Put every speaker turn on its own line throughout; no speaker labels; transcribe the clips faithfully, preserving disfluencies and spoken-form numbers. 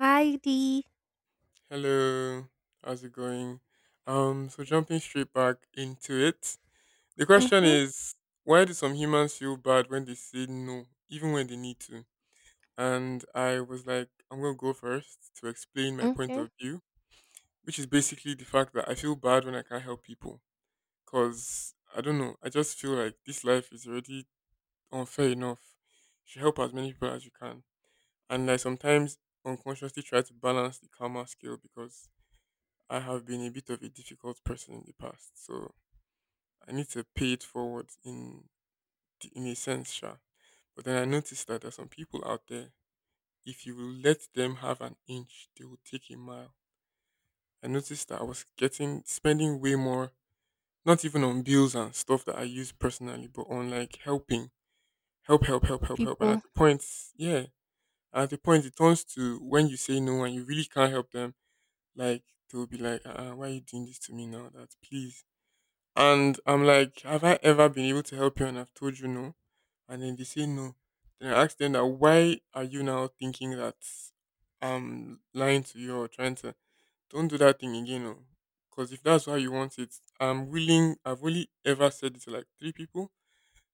Heidi.
Hello, how's it going? Um, so jumping straight back into it, the question
Mhm.
is, why do some humans feel bad when they say no, even when they need to? And I was like, I'm gonna go first to explain my point
Okay.
of view, which is basically the fact that I feel bad when I can't help people, cause I don't know, I just feel like this life is already unfair enough. You should help as many people as you can, and I sometimes unconsciously try to balance the karma scale because I have been a bit of a difficult person in the past, so I need to pay it forward in the- in a sense, sure. But then I noticed that there are some people out there. If you will let them have an inch, they will take a mile. I noticed that I was getting spending way more, not even on bills and stuff that I use personally, but on like helping, help, help, help, help, help. And at
People.
the point, yeah, at the point it turns to when you say no and you really can't help them, like they'll be like, uh, why are you doing this to me now? That please. And I'm like, have I ever been able to help you and I've told you no? And then they say no. Then I ask them that why are you now thinking that I'm lying to you or trying to don't do that thing again because if that's how you want it, I'm willing I've only ever said it to like three people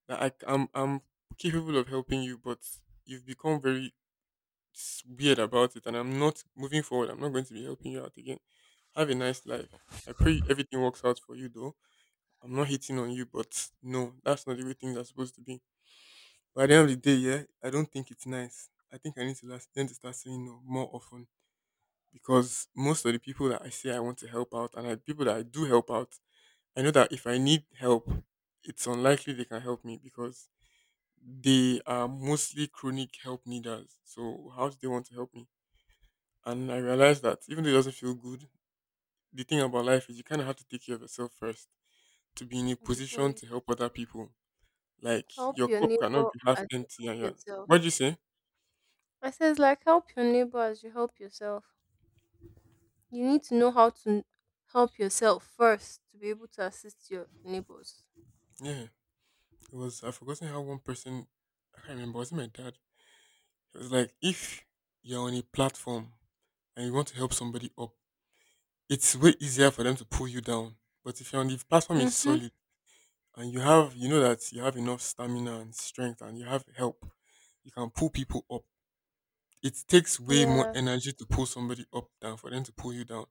that I am I'm, I'm capable of helping you, but you've become very s- weird about it and I'm not moving forward, I'm not going to be helping you out again. Have a nice life. I pray everything works out for you though, I'm not hitting on you, but no, that's not the way things are supposed to be. But at the end of the day, yeah, I don't think it's nice. I think I need to last, then to start saying no more often because most of the people that I say I want to help out and I, people that I do help out, I know that if I need help, it's unlikely they can help me because they are mostly chronic help needers. So how do they want to help me? And I realized that even though it doesn't feel good, the thing about life is you kind of have to take care of yourself first to be in a
Before
position
you
to help other people. Like
help
your
your
cup
neighbor
cannot be half
as you
empty
help
and you're
yourself.
what'd you say?
I says like help your neighbor as you help yourself. You need to know how to help yourself first to be able to assist your neighbors.
Yeah. It was I've forgotten how one person I can't remember, was it my dad? It was like if you're on a platform and you want to help somebody up, it's way easier for them to pull you down. But if you're on the platform is
Mhm.
solid and you have you know that you have enough stamina and strength and you have help, you can pull people up. It takes way more
Yeah.
energy to pull somebody up than for them to pull you down.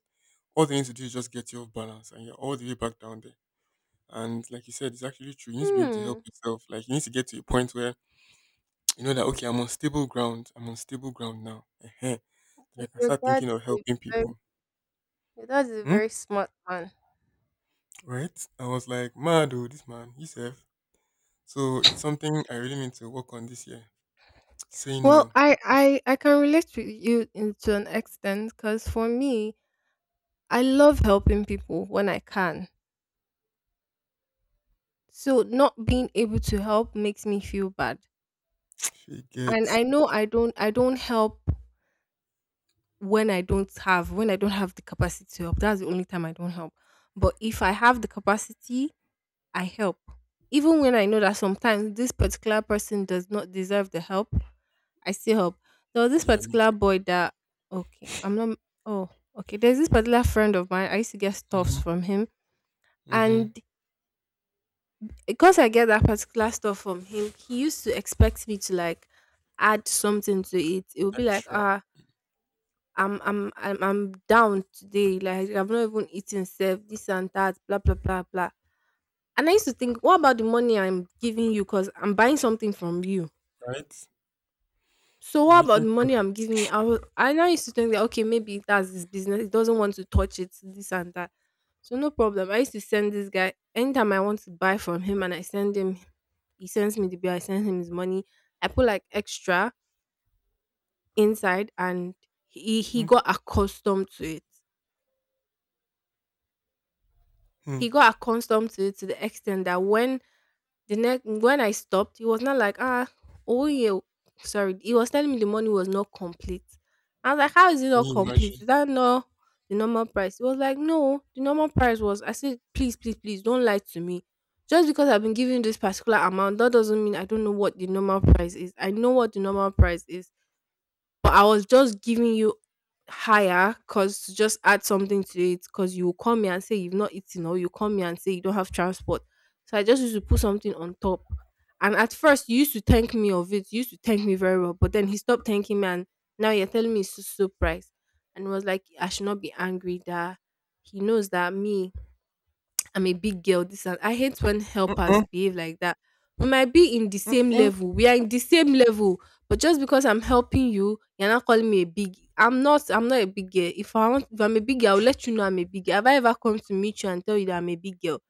All they need to do is just get you off balance and you're all the way back down there. And like you said, it's actually true. You need to be able to
Hmm.
help yourself. Like you need to get to a point where you know that okay, I'm on stable ground. I'm on stable ground now. Ehen. Then I
Y-
can
Your
start
dad
thinking of
is
helping
a very
people.
your dad is a
Hmm?
very smart man.
Right? I was like, mad oh, this man, he's F. So it's something I really need to work on this year. Saying
Well,
no.
I I I can relate with you in, to an extent because for me, I love helping people when I can. So not being able to help makes me feel bad. And
Forget.
I know I don't I don't help when I don't have when I don't have the capacity to help. That's the only time I don't help. But if I have the capacity, I help. Even when I know that sometimes this particular person does not deserve the help, I still help. There was this
Yeah, me
particular
too.
boy that okay, I'm not oh, Okay. There's this particular friend of mine. I used to get stuffs
Mm-hmm.
from him.
Mm-hmm.
And because I get that particular stuff from him, he used to expect me to like add something to it. It would be like,
Extra.
ah, I'm I'm I'm I'm down today. Like I've not even eaten self, this and that, blah blah blah blah. And I used to think, what about the money I'm giving you? Cause I'm buying something from you.
Right?
So
You're
what about
making
the money
profit.
I'm giving you? I will, I now used to think that okay, maybe that's his business. He doesn't want to touch it, this and that. So no problem. I used to send this guy anytime I want to buy from him, and I send him. He sends me the bill. I send him his money. I put like extra inside, and he he got accustomed to it.
Mm-hmm.
He got accustomed to it to the extent that when The next when I stopped, it was not like, "Ah, oh yeah." Sorry, he was telling me the money was not complete. I was like, "How is it
Can
not
you
complete?
imagine?
Is that not the normal price?" He was like, "No, the normal price was." I said, "Please, please, please, don't lie to me. Just because I've been given this particular amount, that doesn't mean I don't know what the normal price is. I know what the normal price is, but I was just giving you higher because to just add something to it because you will call me and say you've not eaten or you call me and say you don't have transport. So I just used to put something on top. And at first you used to thank me of it, you used to thank me very well, but then he stopped thanking me and now you're telling me it's so so price. And it was like I should not be angry that he knows that me I'm a big girl. This and I hate when helpers
Mm-mm.
behave like that. We might be in the same
Mm-mm.
level. We are in the same level, but just because I'm helping you, you're not calling me a big. I'm not. I'm not a big girl. If I want, if I'm a big girl, I'll let you know I'm a big girl. Have I ever come to meet you and tell you that I'm a big girl?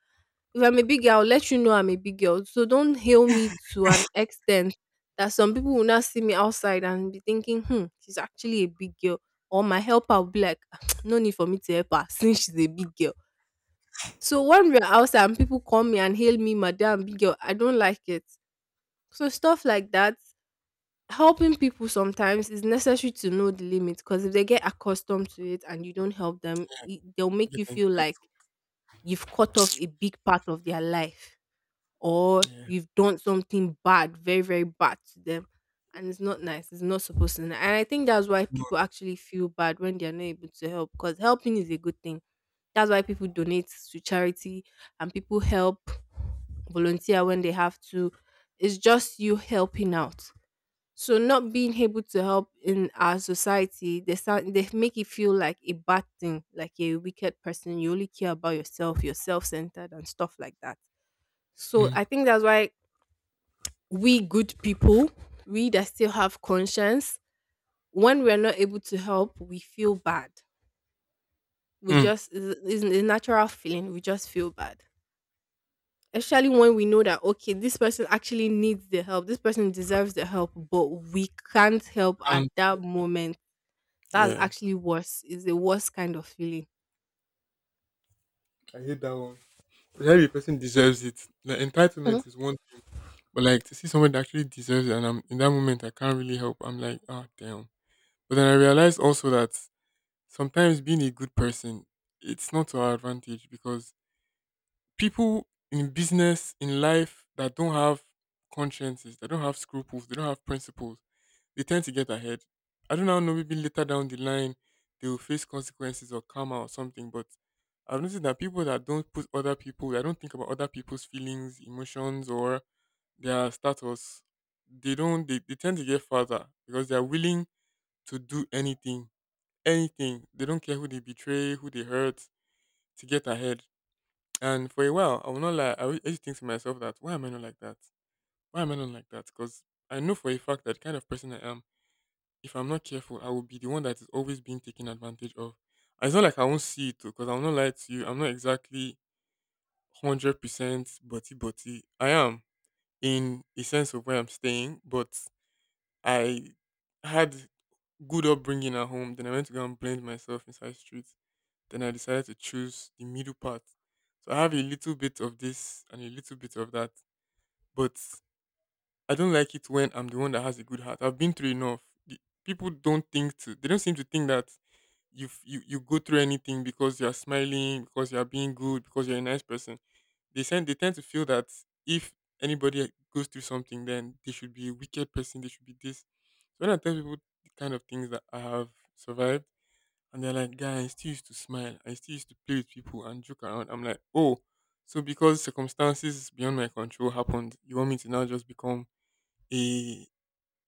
If I'm a big girl, I'll let you know I'm a big girl. So don't hail me to an extent that some people will not see me outside and be thinking, hmm, she's actually a big girl. Or my helper will be like, no need for me to help her since she's a big girl. So when we're outside and people call me and hail me madam, big girl, I don't like it. So stuff like that, helping people sometimes is necessary to know the limit because if they get accustomed to it and you don't help them,
Yeah,
it- they'll make
you
you
get
feel like
entitled.
you've cut off a big part of their life or
Yeah.
you've done something bad, very, very bad to them. And it's not nice. It's not supposed to. And I think that's why
No.
people actually feel bad when they're not able to help because helping is a good thing. That's why people donate to charity and people help volunteer when they have to. It's just you helping out. So not being able to help in our society, they start, they make it feel like a bad thing, like you're a wicked person. You only care about yourself, you're self-centered and stuff like that. So I think that's why we good people, we that still have conscience, when we're not able to help, we feel bad. We
Mm-hmm.
just it's, it's a natural feeling. We just feel bad. Especially when we know that okay, this person actually needs the help, this person deserves the help, but we can't help at
And
that moment. That's
yeah.
actually worse is the worst kind of feeling.
I hate that one. Every person deserves it. The
Mhm.
entitlement is one thing, but like to see someone that actually deserves it, and I'm in that moment, I can't really help. I'm like, oh damn. But then I realized also that sometimes being a good person, it's not to our advantage because people in business, in life, that don't have consciences, they don't have scruples, they don't have principles. They tend to get ahead. I don't now know, maybe later down the line, they will face consequences or karma or something. But I've noticed that people that don't put other people, that don't think about other people's feelings, emotions, or their status, they don't, they, they tend to get further because they are willing to do anything, anything. They don't care who they betray, who they hurt, to get ahead. And for a while, I will not lie, I will- I used to think to myself that, why am I not like that? Why am I not like that? Because I know for a fact that the kind of person I am, if I'm not careful, I will be the one that is always being taken advantage of. And it's not like I won't see it because I'll not lie to you. I'm not exactly one hundred percent butty butty. I am in a sense of where I'm staying, but I had good upbringing at home. Then I went to go and blend myself inside streets. Then I decided to choose the middle path. So I have a little bit of this and a little bit of that, but I don't like it when I'm the one that has a good heart. I've been through enough. The, people don't think to. They don't seem to think that you f- you you go through anything because you're smiling, because you're being good, because you're a nice person. They send they tend to feel that if anybody goes through something, then they should be a wicked person. They should be this. So when I tell people the kind of things that I have survived, and they're like, "Guy, I still used to smile. I still used to play with people and joke around." I'm like, "Oh, so because circumstances beyond my control happened, you want me to now just become a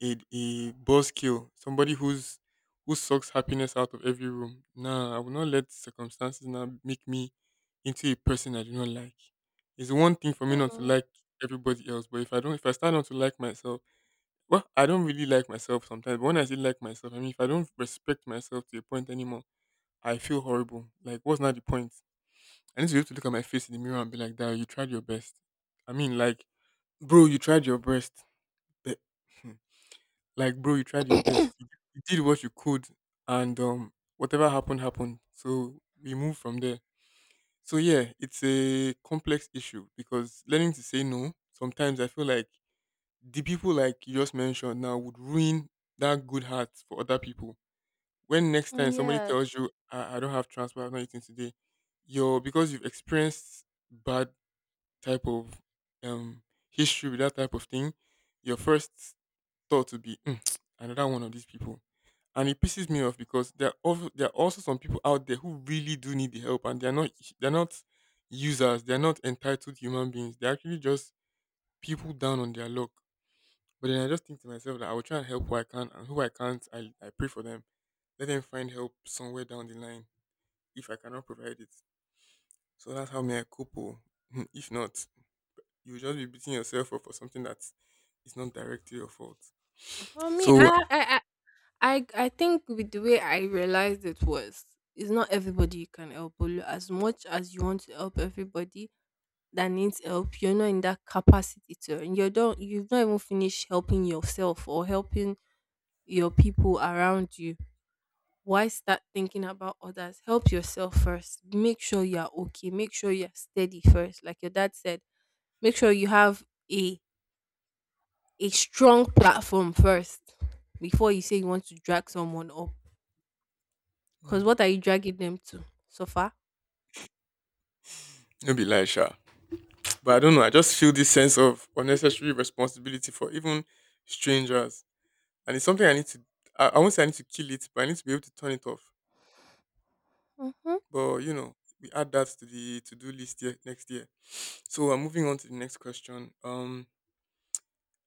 a a boss kill, somebody who's who sucks happiness out of every room. Nah, I will not let circumstances now make me into a person I do not like. It's one thing for me not to
Hmm.
like everybody else, but if I don't, if I start not to like myself, well, I don't really like myself sometimes. But when I say like myself, I mean if I don't respect myself to a point anymore, I feel horrible. Like, what's not the point? I need to be able to look at my face in the mirror and be like, "That you tried your best." I mean, like, bro, you tried your best. But like, bro, you tried your best. You, you did what you could, and um, whatever happened happened. So we move from there. So yeah, it's a complex issue because learning to say no sometimes I feel like the people like you just mentioned now would ruin that good heart for other people. When next time somebody
Yes.
tells you, I, I don't have transport, I'm not eating today, you're because you've experienced bad type of um history with that type of thing, your first thought would be "Mm, another one of these people, and it pisses me off because there are also, there are also some people out there who really do need the help and they're not they're not users, they're not entitled human beings, they're actually just people down on their luck. But then I just think to myself that I will try and help who I can and who I can't, i, I pray for them, let them find help somewhere down the line if I cannot provide it. So that's how may I cope oh. If not, you will just be beating yourself up for something that is not directly your fault.
For me,
So
i i i, I I think with the way I realized it was it's not everybody you can help, but as much as you want to help everybody that needs help, you're not in that capacity to, and you don't you've not even finished helping yourself or helping your people around you. Why start thinking about others? Help yourself first. Make sure you're okay. Make sure you're steady first. Like your dad said, make sure you have a a strong platform first before you say you want to drag someone up. Because
mm,
what are you dragging them to? So far?
no be lie sha. But I don't know. I just feel this sense of unnecessary responsibility for even strangers, and it's something I need to. I, I won't say I need to kill it, but I need to be able to turn it off.
Mm-hmm.
But you know, we add that to the to do list here next year. So I'm moving on to the next question. Um,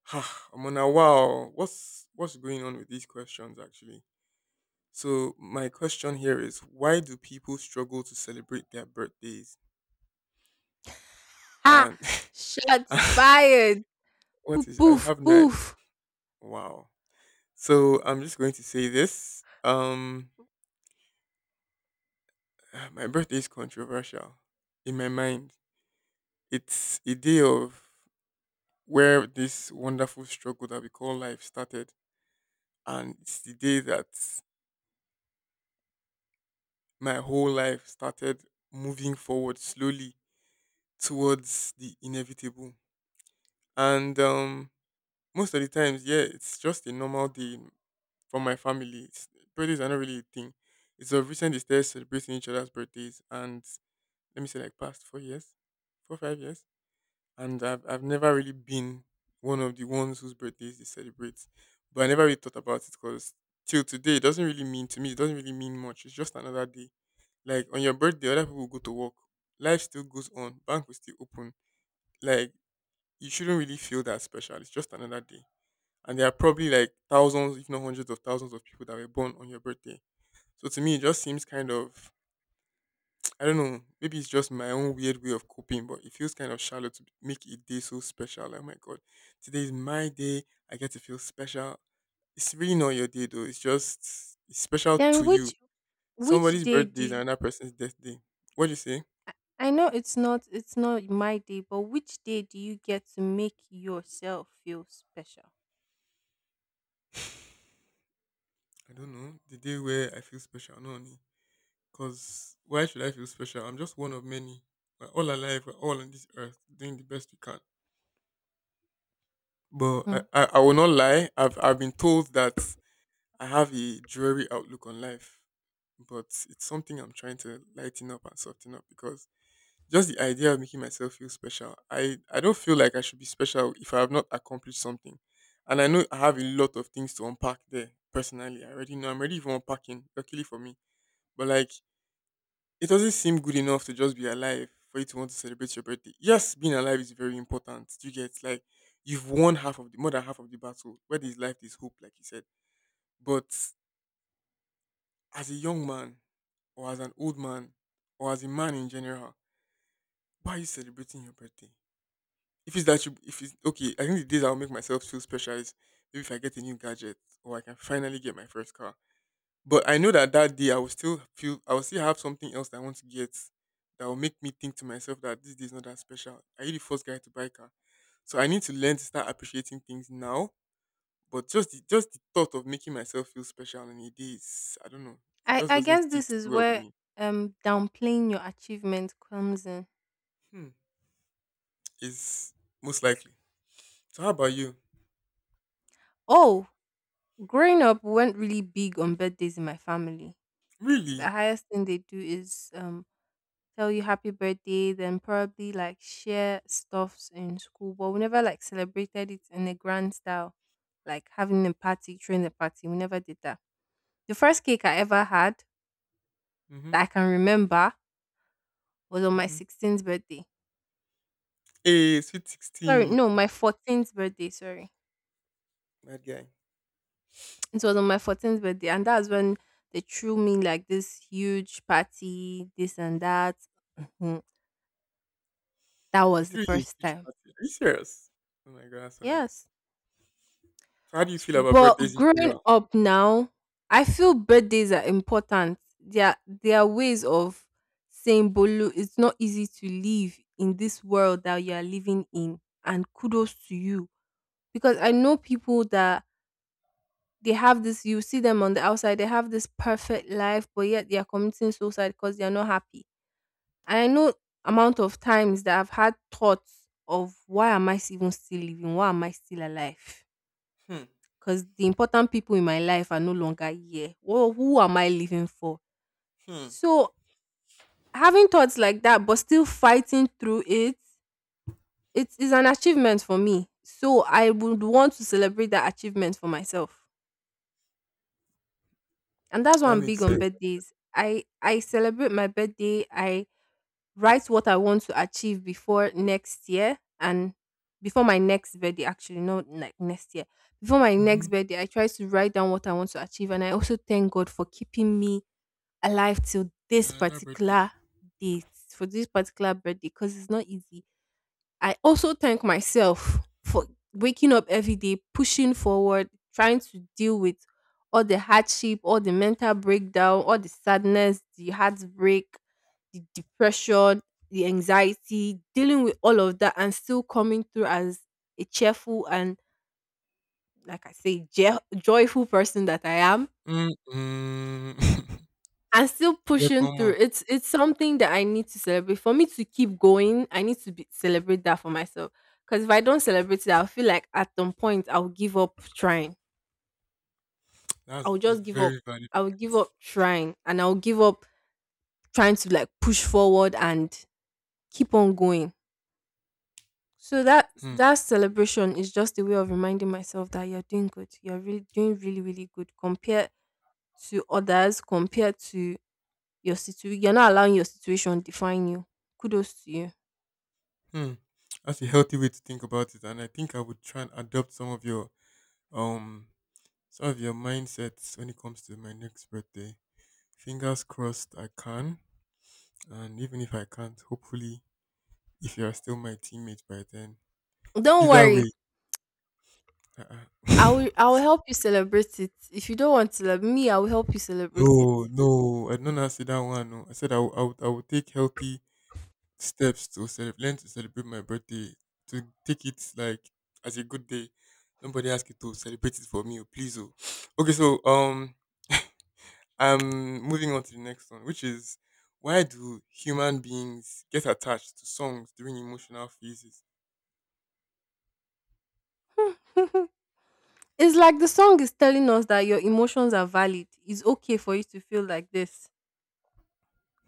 I'm on a wow. What's what's going on with these questions actually? So my question here is, why do people struggle to celebrate their birthdays?
Ah,
And
shots fired.
what
Poof,
is I
poof,
have no idea.
poof.
Wow. So I'm just going to say this. Um, my birthday is controversial. In my mind, it's a day of where this wonderful struggle that we call life started, and it's the day that my whole life started moving forward slowly towards the inevitable. And um, most of the times, yeah, it's just a normal day in- for my family. It's, birthdays are not really a thing. It's of recent they started celebrating each other's birthdays and let me say like past four years, four five years, and I've I've never really been one of the ones whose birthdays they celebrate, but I never really thought about it because till today it doesn't really mean to me. It doesn't really mean much. It's just another day. Like on your birthday, other people will go to work. Life still goes on. Bank will still open. Like you shouldn't really feel that special. It's just another day. And there are probably like thousands, if not hundreds of thousands of people that were born on your birthday. So to me, it just seems kind of, I don't know. Maybe it's just my own weird way of coping, but it feels kind of shallow to make a day so special. Like, my God, today is my day. I get to feel special. It's really not your day, though. It's just it's special to
Then
you.
which which
Somebody's
day do
birthday is
you,
another person's death day. What do you say?
I know it's not it's not my day, but which day do you get to make yourself feel special?
I don't know. The day where I feel special, not only. Because why should I feel special? I'm just one of many. We're all alive. We're all on this earth doing the best we can. But I,
Hmm.
I, I will not lie. I've, I've been told that I have a dreary outlook on life, but it's something I'm trying to lighten up and soften up because just the idea of making myself feel special, I, I don't feel like I should be special if I have not accomplished something. And I know I have a lot of things to unpack there personally. I already know I'm already even unpacking, luckily for me. But like, it doesn't seem good enough to just be alive for you to want to celebrate your birthday. Yes, being alive is very important. You get like, you've won half of the, more than half of the battle. Where there's life, there's hope, like you said. But as a young man or as an old man or as a man in general, why are you celebrating your birthday? If it's that you, if it's okay, I think the days I'll make myself feel special is maybe if I get a new gadget or I can finally get my first car. But I know that that day I will still feel, I will still have something else that I want to get that will make me think to myself that this day is not that special. Are you the first guy to buy a car? So I need to learn to start appreciating things now. But just the, just the thought of making myself feel special on a day is, I don't know, it
I
just
I
doesn't
guess
sit
this is
well with
where
me.
um downplaying your achievement comes in.
Hmm. Is most likely. So how about you?
Oh, growing up, we weren't really big on birthdays in my family. The
Really?
highest thing they do is um tell you happy birthday, then probably like share stuffs in school, but we never like celebrated it in a grand style, like having a party, throwing a party. We never did that. The first cake I ever had
Mm-hmm.
that I can remember was on my
Mm-hmm.
sixteenth birthday.
A sweet
Sorry,
sixteen,
no, my fourteenth birthday. Sorry,
that guy.
it was on my fourteenth birthday, and that's when they threw me like this huge party, this and that. That
A
was the
three year
first
huge
time.
party. Are you serious? Oh my God, that's so nice.
Yes.
So how do you
S-
feel about
But
birthdays in
growing
general?
up now, I feel birthdays are important. Their their ways of saying Bolu, it's not easy to live in this world that you are living in. And kudos to you. Because I know people that they have this you see them on the outside, they have this perfect life, but yet they are committing suicide because they are not happy. And I know amount of times that I've had thoughts of why am I s- even still living? Why am I still alive?
Hmm.
'Cause the important people in my life are no longer here. Who who am I living for?
Hmm.
So, having thoughts like that but still fighting through it, it is an achievement for me. So, I would want to celebrate that achievement for myself. And that's why
That
I'm
makes
big on
sense.
birthdays. I I celebrate my birthday, I write what I want to achieve before next year and before my next birthday actually, not like next year. Before my
Mm-hmm.
next birthday, I try to write down what I want to achieve, and I also thank God for keeping me alive till this
Yeah, that birthday.
particular date for this particular birthday because it's not easy. I also thank myself for waking up every day, pushing forward, trying to deal with all the hardship, all the mental breakdown, all the sadness, the heartbreak, the depression, the anxiety, dealing with all of that and still coming through as a cheerful and like I say, je- joyful person that I am.
Mm-mm.
I'm still
Yeah,
pushing
come
through.
on.
It's it's something that I need to celebrate. For me to keep going, I need to be, celebrate that for myself. Because if I don't celebrate it, I'll feel like at some point I'll give up trying.
That's
I'll
a
just give up.
very valid
I'll give
point.
up trying, and I'll give up trying to like push forward and keep on going. So that
Hmm.
that celebration is just a way of reminding myself that you're doing good. You're really doing really really good compared to others, compared to your situation. You're not allowing your situation define you. Kudos to you.
Hmm. That's a healthy way to think about it, and I think I would try and adopt some of your um some of your mindsets when it comes to my next birthday. Fingers crossed I can. And even if I can't, hopefully, if you are still my teammate by then.
Don't
Either
worry.
way,
I will
uh-uh.
I will help you celebrate it. If you don't want to love me, I will help you celebrate it.
No, no, I don't know. Say that one. No, I said I would, I would, I would take healthy steps to celebrate, learn to celebrate my birthday, to take it like as a good day. Nobody asked you to celebrate it for me, oh, please. Oh. Okay, so um, I'm moving on to the next one, which is, why do human beings get attached to songs during emotional phases?
It's like the song is telling us that your emotions are valid. It's okay for you to feel like this.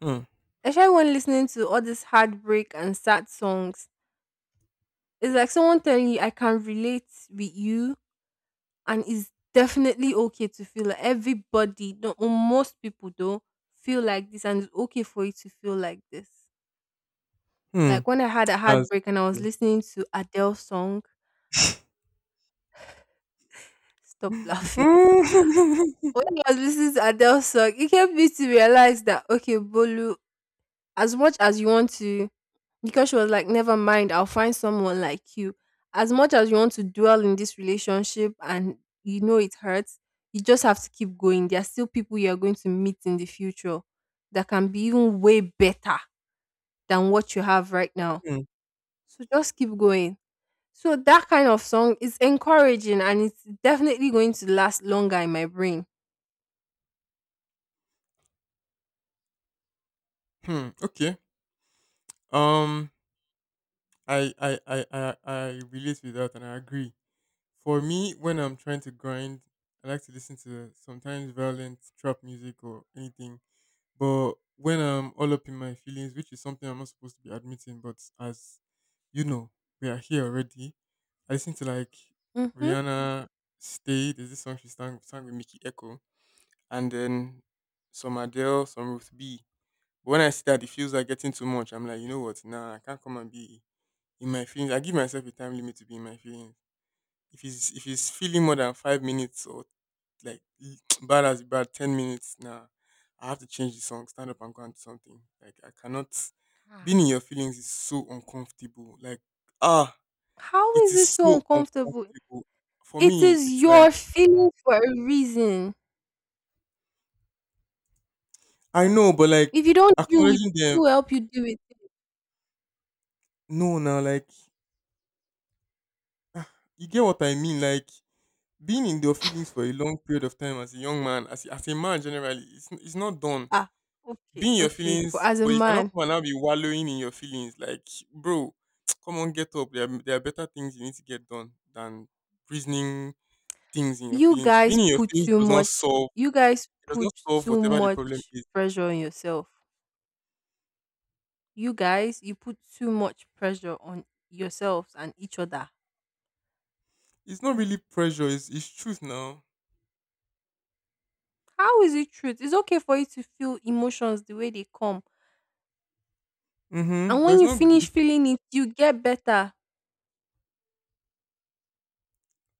Hmm.
Especially when listening to all these heartbreak and sad songs. It's like someone telling you I can relate with you, and it's definitely okay to feel like everybody, no or most people though, feel like this, and it's okay for you to feel like this.
Hmm.
Like when I had a
That's
heartbreak and I was
cool.
listening to Adele's song. Stop laughing. When I was listening to Adele's song, it helped me to realize that okay, Bolu, as much as you want to, because she was like, never mind, I'll find someone like you. As much as you want to dwell in this relationship and you know it hurts, you just have to keep going. There are still people you are going to meet in the future that can be even way better than what you have right now.
Hmm.
So just keep going. So that kind of song is encouraging, and it's definitely going to last longer in my brain.
Hmm. Okay. Um. I, I I I I relate with that and I agree. For me, when I'm trying to grind, I like to listen to sometimes violent trap music or anything. But when I'm all up in my feelings, which is something I'm not supposed to be admitting, but as you know, we are here already. I listen to like
Hmm.
Rihanna "Stay." There's this song she sang, sang with Mickey Echo. And then some Adele, some Ruth B. But when I see that the feels are getting too much, I'm like, you know what? Nah, I can't come and be in my feelings. I give myself a time limit to be in my feelings. If it's if it's feeling more than five minutes or like bad as bad ten minutes, nah, I have to change the song, stand up and go and do something. Like I cannot.
Ah,
Being in your feelings is so uncomfortable. Like ah,
how
it
is this
is
so
so
uncomfortable?
uncomfortable for
It
me.
is
It's like
your feeling for a reason.
I know, but like
If you don't deal with
acknowledging
it,
them,
who will help you deal with it?
no, now like, you get what I mean? Like being in your feelings for a long period of time as a young man, as as a man generally, it's it's not done.
Ah, okay,
Being in your
okay. For
feelings,
as a
but you cannot
man,
come and now be wallowing in your feelings. Like, bro, come on, get up. There are, there are better things you need to get done than reasoning things in your
you
feelings. Being
guys
in your
put
feelings
too
does not
much
solve.
you guys
It does
put
not solve
too
whatever the problem
much
is.
pressure on yourself you guys you put too much pressure on yourselves and each other.
It's not really pressure. It's, it's truth now.
How is it truth? It's okay for you to feel emotions the way they come,
Mm-hmm.
and
But
when
it's
you
not good.
finish feeling it you get better.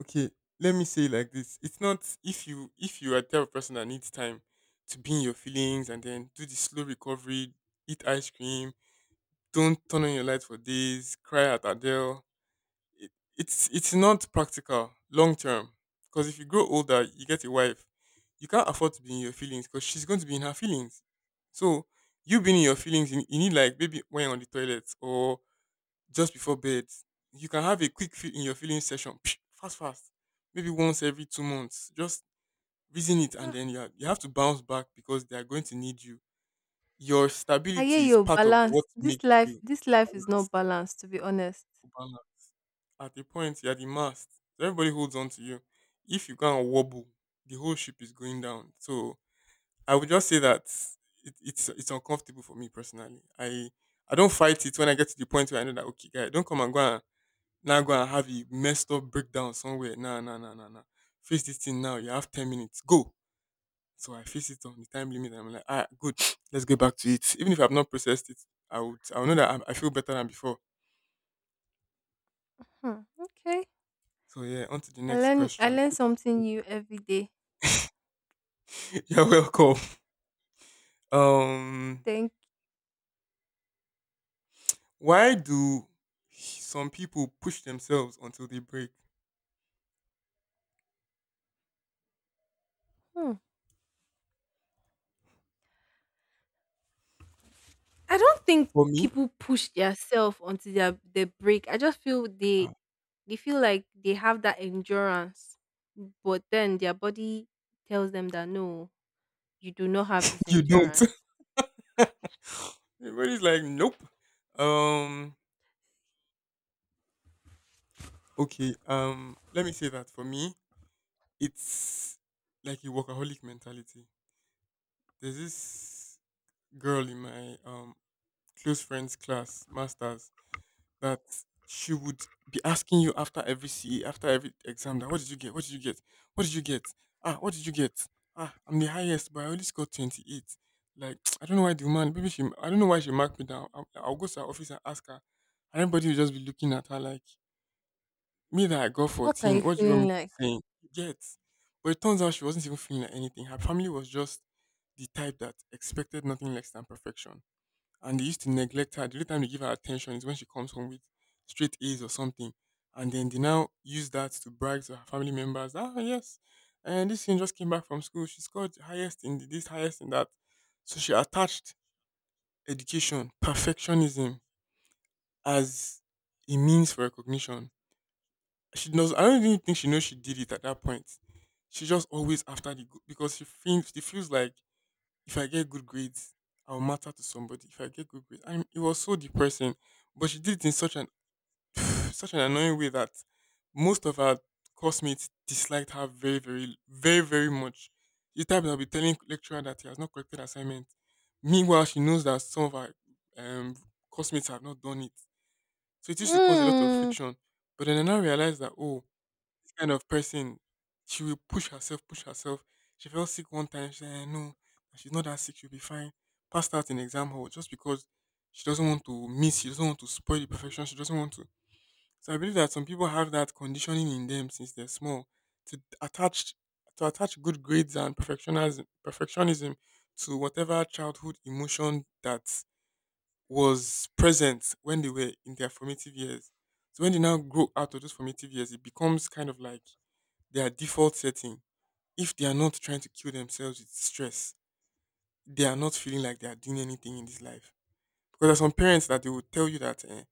Okay, let me say it like this. It's not, if you if you are the type of person that needs time to be in your feelings and then do the slow recovery, eat ice cream, don't turn on your light for days, cry at Adele, it, it's it's not practical long term, because if you grow older you get a wife, you can't afford to be in your feelings because she's going to be in her feelings. So you being in your feelings, you, you need like maybe when you're on the toilet or just before bed. You can have a quick feel in your feeling session, fast, fast, maybe once every two months. Just reason it, and
Ah,
then you are, you have to bounce back because they are going to need you. Your
I hear
stability is
your
part of what
balance. This
makes
life,
you
this life is not
balance.
balanced to be honest.
Balance. At a point, you are the mast. So everybody holds on to you. If you go and wobble, the whole ship is going down. So I would just say that it, it's it's uncomfortable for me personally. I I don't fight it when I get to the point where I know that okay, guy, don't come and go and now go and have a messed up breakdown somewhere. Nah, nah, nah, nah, nah. Face this thing now. You have ten minutes. Go. So I face it on the time limit. I'm like, ah, good. Let's get back to it. Even if I've not processed it, I would, I would know that I'm, I feel better than before.
Hmm, okay.
So yeah, on to the
i
next
learn i
question.
learn something new every day.
You're welcome. Um,
Thank
why do some people push themselves until they break?
you. I don't think
For me,
people push themselves until their they break. I just feel
uh,
they they feel like they have that endurance, but then their body tells them that no, you do not have this
you don't.
endurance.
Everybody's like, nope. Um, okay. Um, let me say that for me, it's like a workaholic mentality. There's this girl in my um close friends class, masters, that she would be asking you after every C E, after every exam, that what did you get? What did you get? What did you get? Ah, what did you get? Ah, I'm the highest, but I only scored twenty-eight. Like, I don't know why the woman, maybe she, I don't know why she marked me down. I'll, I'll go to her office and ask her. And everybody will just be looking at her like, me that I got
What are you
fourteen, what do you want me
feeling
to
like?
be saying? You get. But it turns out she wasn't even feeling like anything. Her family was just the type that expected nothing less than perfection. And they used to neglect her. The only time they give her attention is when she comes home with straight A's or something. And then they now use that to brag to her family members. Ah, yes. And this thing just came back from school. She scored highest in this, highest in that. So she attached education, perfectionism, as a means for recognition she knows. I don't even think she knows she did it at that point. She just always after the good because she feels she feels like if I get good grades, I'll matter to somebody. If I get good grades, I mean, it was so depressing. But she did it in such an such an annoying way that most of her classmates disliked her very very very very much. The type that will be telling lecturer that he has not corrected assignment. Meanwhile, she knows that some of her um classmates have not done it, so it used to cause a lot of
Mm,
friction. But then I now realize that oh, this kind of person, she will push herself, push herself. She fell sick one time. She said, "Eh, no, she's not that sick. She'll be fine." Passed out in exam hall just because she doesn't want to miss. She doesn't want to spoil the perfection. She doesn't want to. So I believe that some people have that conditioning in them since they're small to attach to attach good grades and perfectionism perfectionism to whatever childhood emotion that was present when they were in their formative years. So when they now grow out of those formative years, it becomes kind of like their default setting, if they are not trying to kill themselves with stress, they are not feeling like they are doing anything in this life. Because there are some parents that they will tell you that, eh,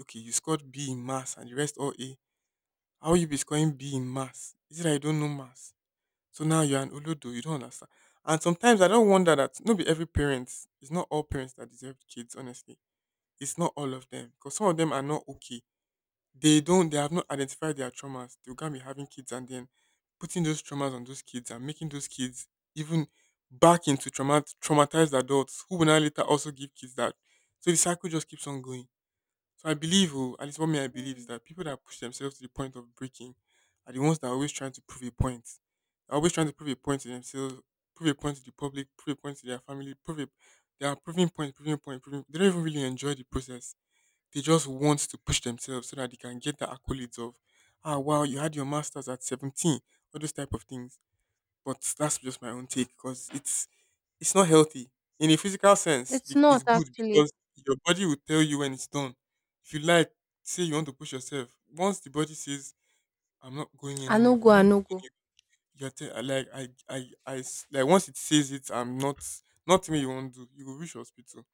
okay, you scored B in maths and the rest all A. How will you be scoring B in maths? Is it that you don't know maths? So now you're an olodo, you don't understand. And sometimes I don't wonder that not be every parent, it's not all parents that deserve kids, honestly. It's not all of them. Because some of them are not okay, they don't, they have not identified their traumas, they can be having kids and then putting those traumas on those kids and making those kids even back into trauma traumatized adults who will now later also give kids that, so the cycle just keeps on going. So I believe oh, at least what me I believe is that people that push themselves to the point of breaking are the ones that are always trying to prove a point. They're always trying to prove a point to themselves, prove a point to the public, prove a point to their family, prove a, they are proving point, proving point, proving, they don't even really enjoy the process. They just want to push themselves so that they can get the accolades of, ah, wow, you had your masters at seventeen, all those type of things. But that's just my own take because it's it's not healthy in a physical sense.
it's
the- It's
not
good
actually.
because your body will tell you when it's done. If you like, say you want to push yourself. Once the body says, "I'm not going
I no
anymore,"
go,
you're
I
not.
no go.
You're te- I like I I I s- like once it says it, I'm not. Nothing you won't do. You go reach hospital.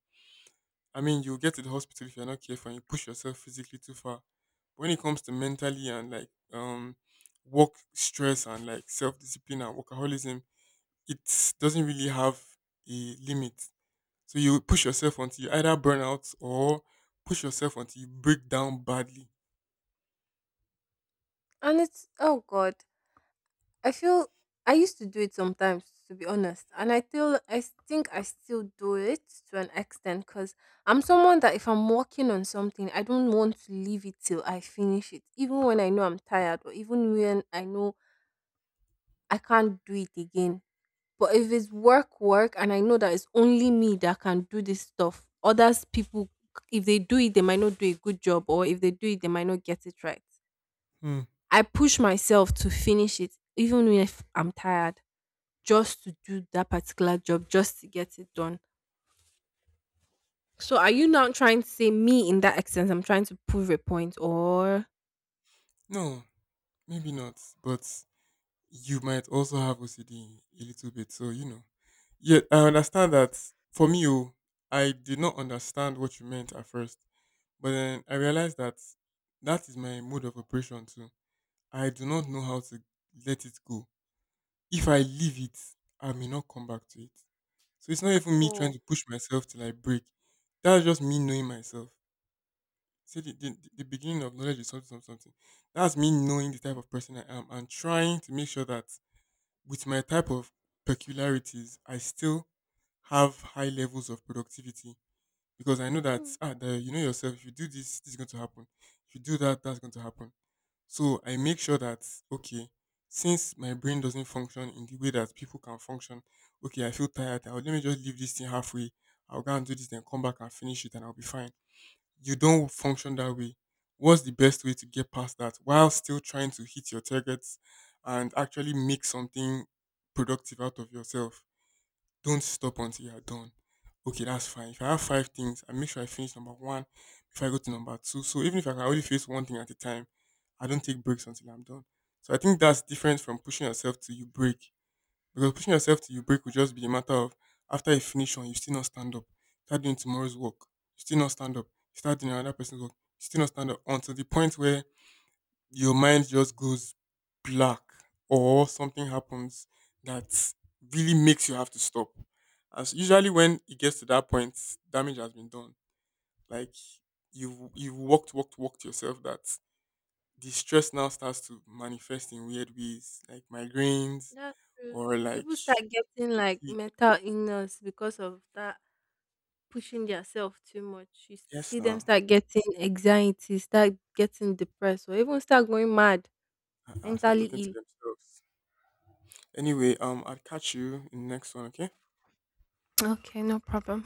I mean, you get to the hospital if you're not careful and you push yourself physically too far. But when it comes to mentally and like um work stress and like self discipline and workaholism, it doesn't really have a limit. So you push yourself until you either burn out or push yourself until you break down badly.
And it's oh god. I feel I used to do it sometimes, to be honest, and I still I s- think I still do it to an extent because I'm someone that if I'm working on something, I don't want to leave it till I finish it, even when I know I'm tired or even when I know I can't do it again. But if it's work, work, and I know that it's only me that can do this stuff, others people, if they do it, they might not do a good job, or if they do it, they might not get it right.
Hmm.
I push myself to finish it, even if I'm tired, just to do that particular job, just to get it done. So are you now trying to say me in that accent? I'm trying to prove a point or
No, maybe not. But you might also have O C D a little bit. So you know. Yeah, I understand that. For me, oh, I did not understand what you meant at first. But then I realized that that is my mode of operation too. I do not know how to let it go. If I leave it, I may not come back to it. So it's not
at
even me trying
all.
to push myself till I break. That's just me knowing myself. See, the, the, the beginning of knowledge is something, something, something. That's me knowing the type of person I am and trying to make sure that with my type of peculiarities, I still have high levels of productivity because I know
Hmm,
that ah, the, you know yourself. If you do this, this is going to happen. If you do that, that's going to happen. So I make sure that okay, since my brain doesn't function in the way that people can function, okay, I feel tired. I'll, let me just leave this thing halfway. I'll go and do this, then come back and finish it, and I'll be fine. You don't function that way. What's the best way to get past that while still trying to hit your targets and actually make something productive out of yourself? Don't stop until you are done. Okay, that's fine. If I have five things, I make sure I finish number one before I go to number two. So even if I can only face one thing at a time, I don't take breaks until I'm done. So I think that's different from pushing yourself till you break. Because pushing yourself till you break would just be a matter of after you finish one, you still not stand up. Start doing tomorrow's work, you still not stand up. You start doing another person's work, you still not stand up until the point where your mind just goes black or something happens that really makes you have to stop. As usually when it gets to that point, damage has been done. Like you've you've walked, walked, walked yourself that the stress now starts to manifest in weird ways, like migraines
that's true.
or
Some
like
people start getting like
fatigue.
mental illness because of that, pushing themselves too much. You s-
Yes
see them
now.
start getting anxiety, start getting depressed, or even start going mad,
Uh-uh, start
mentally
talking to
ill.
themselves. Anyway, um I'll catch you in the next one, okay?
Okay, no problem.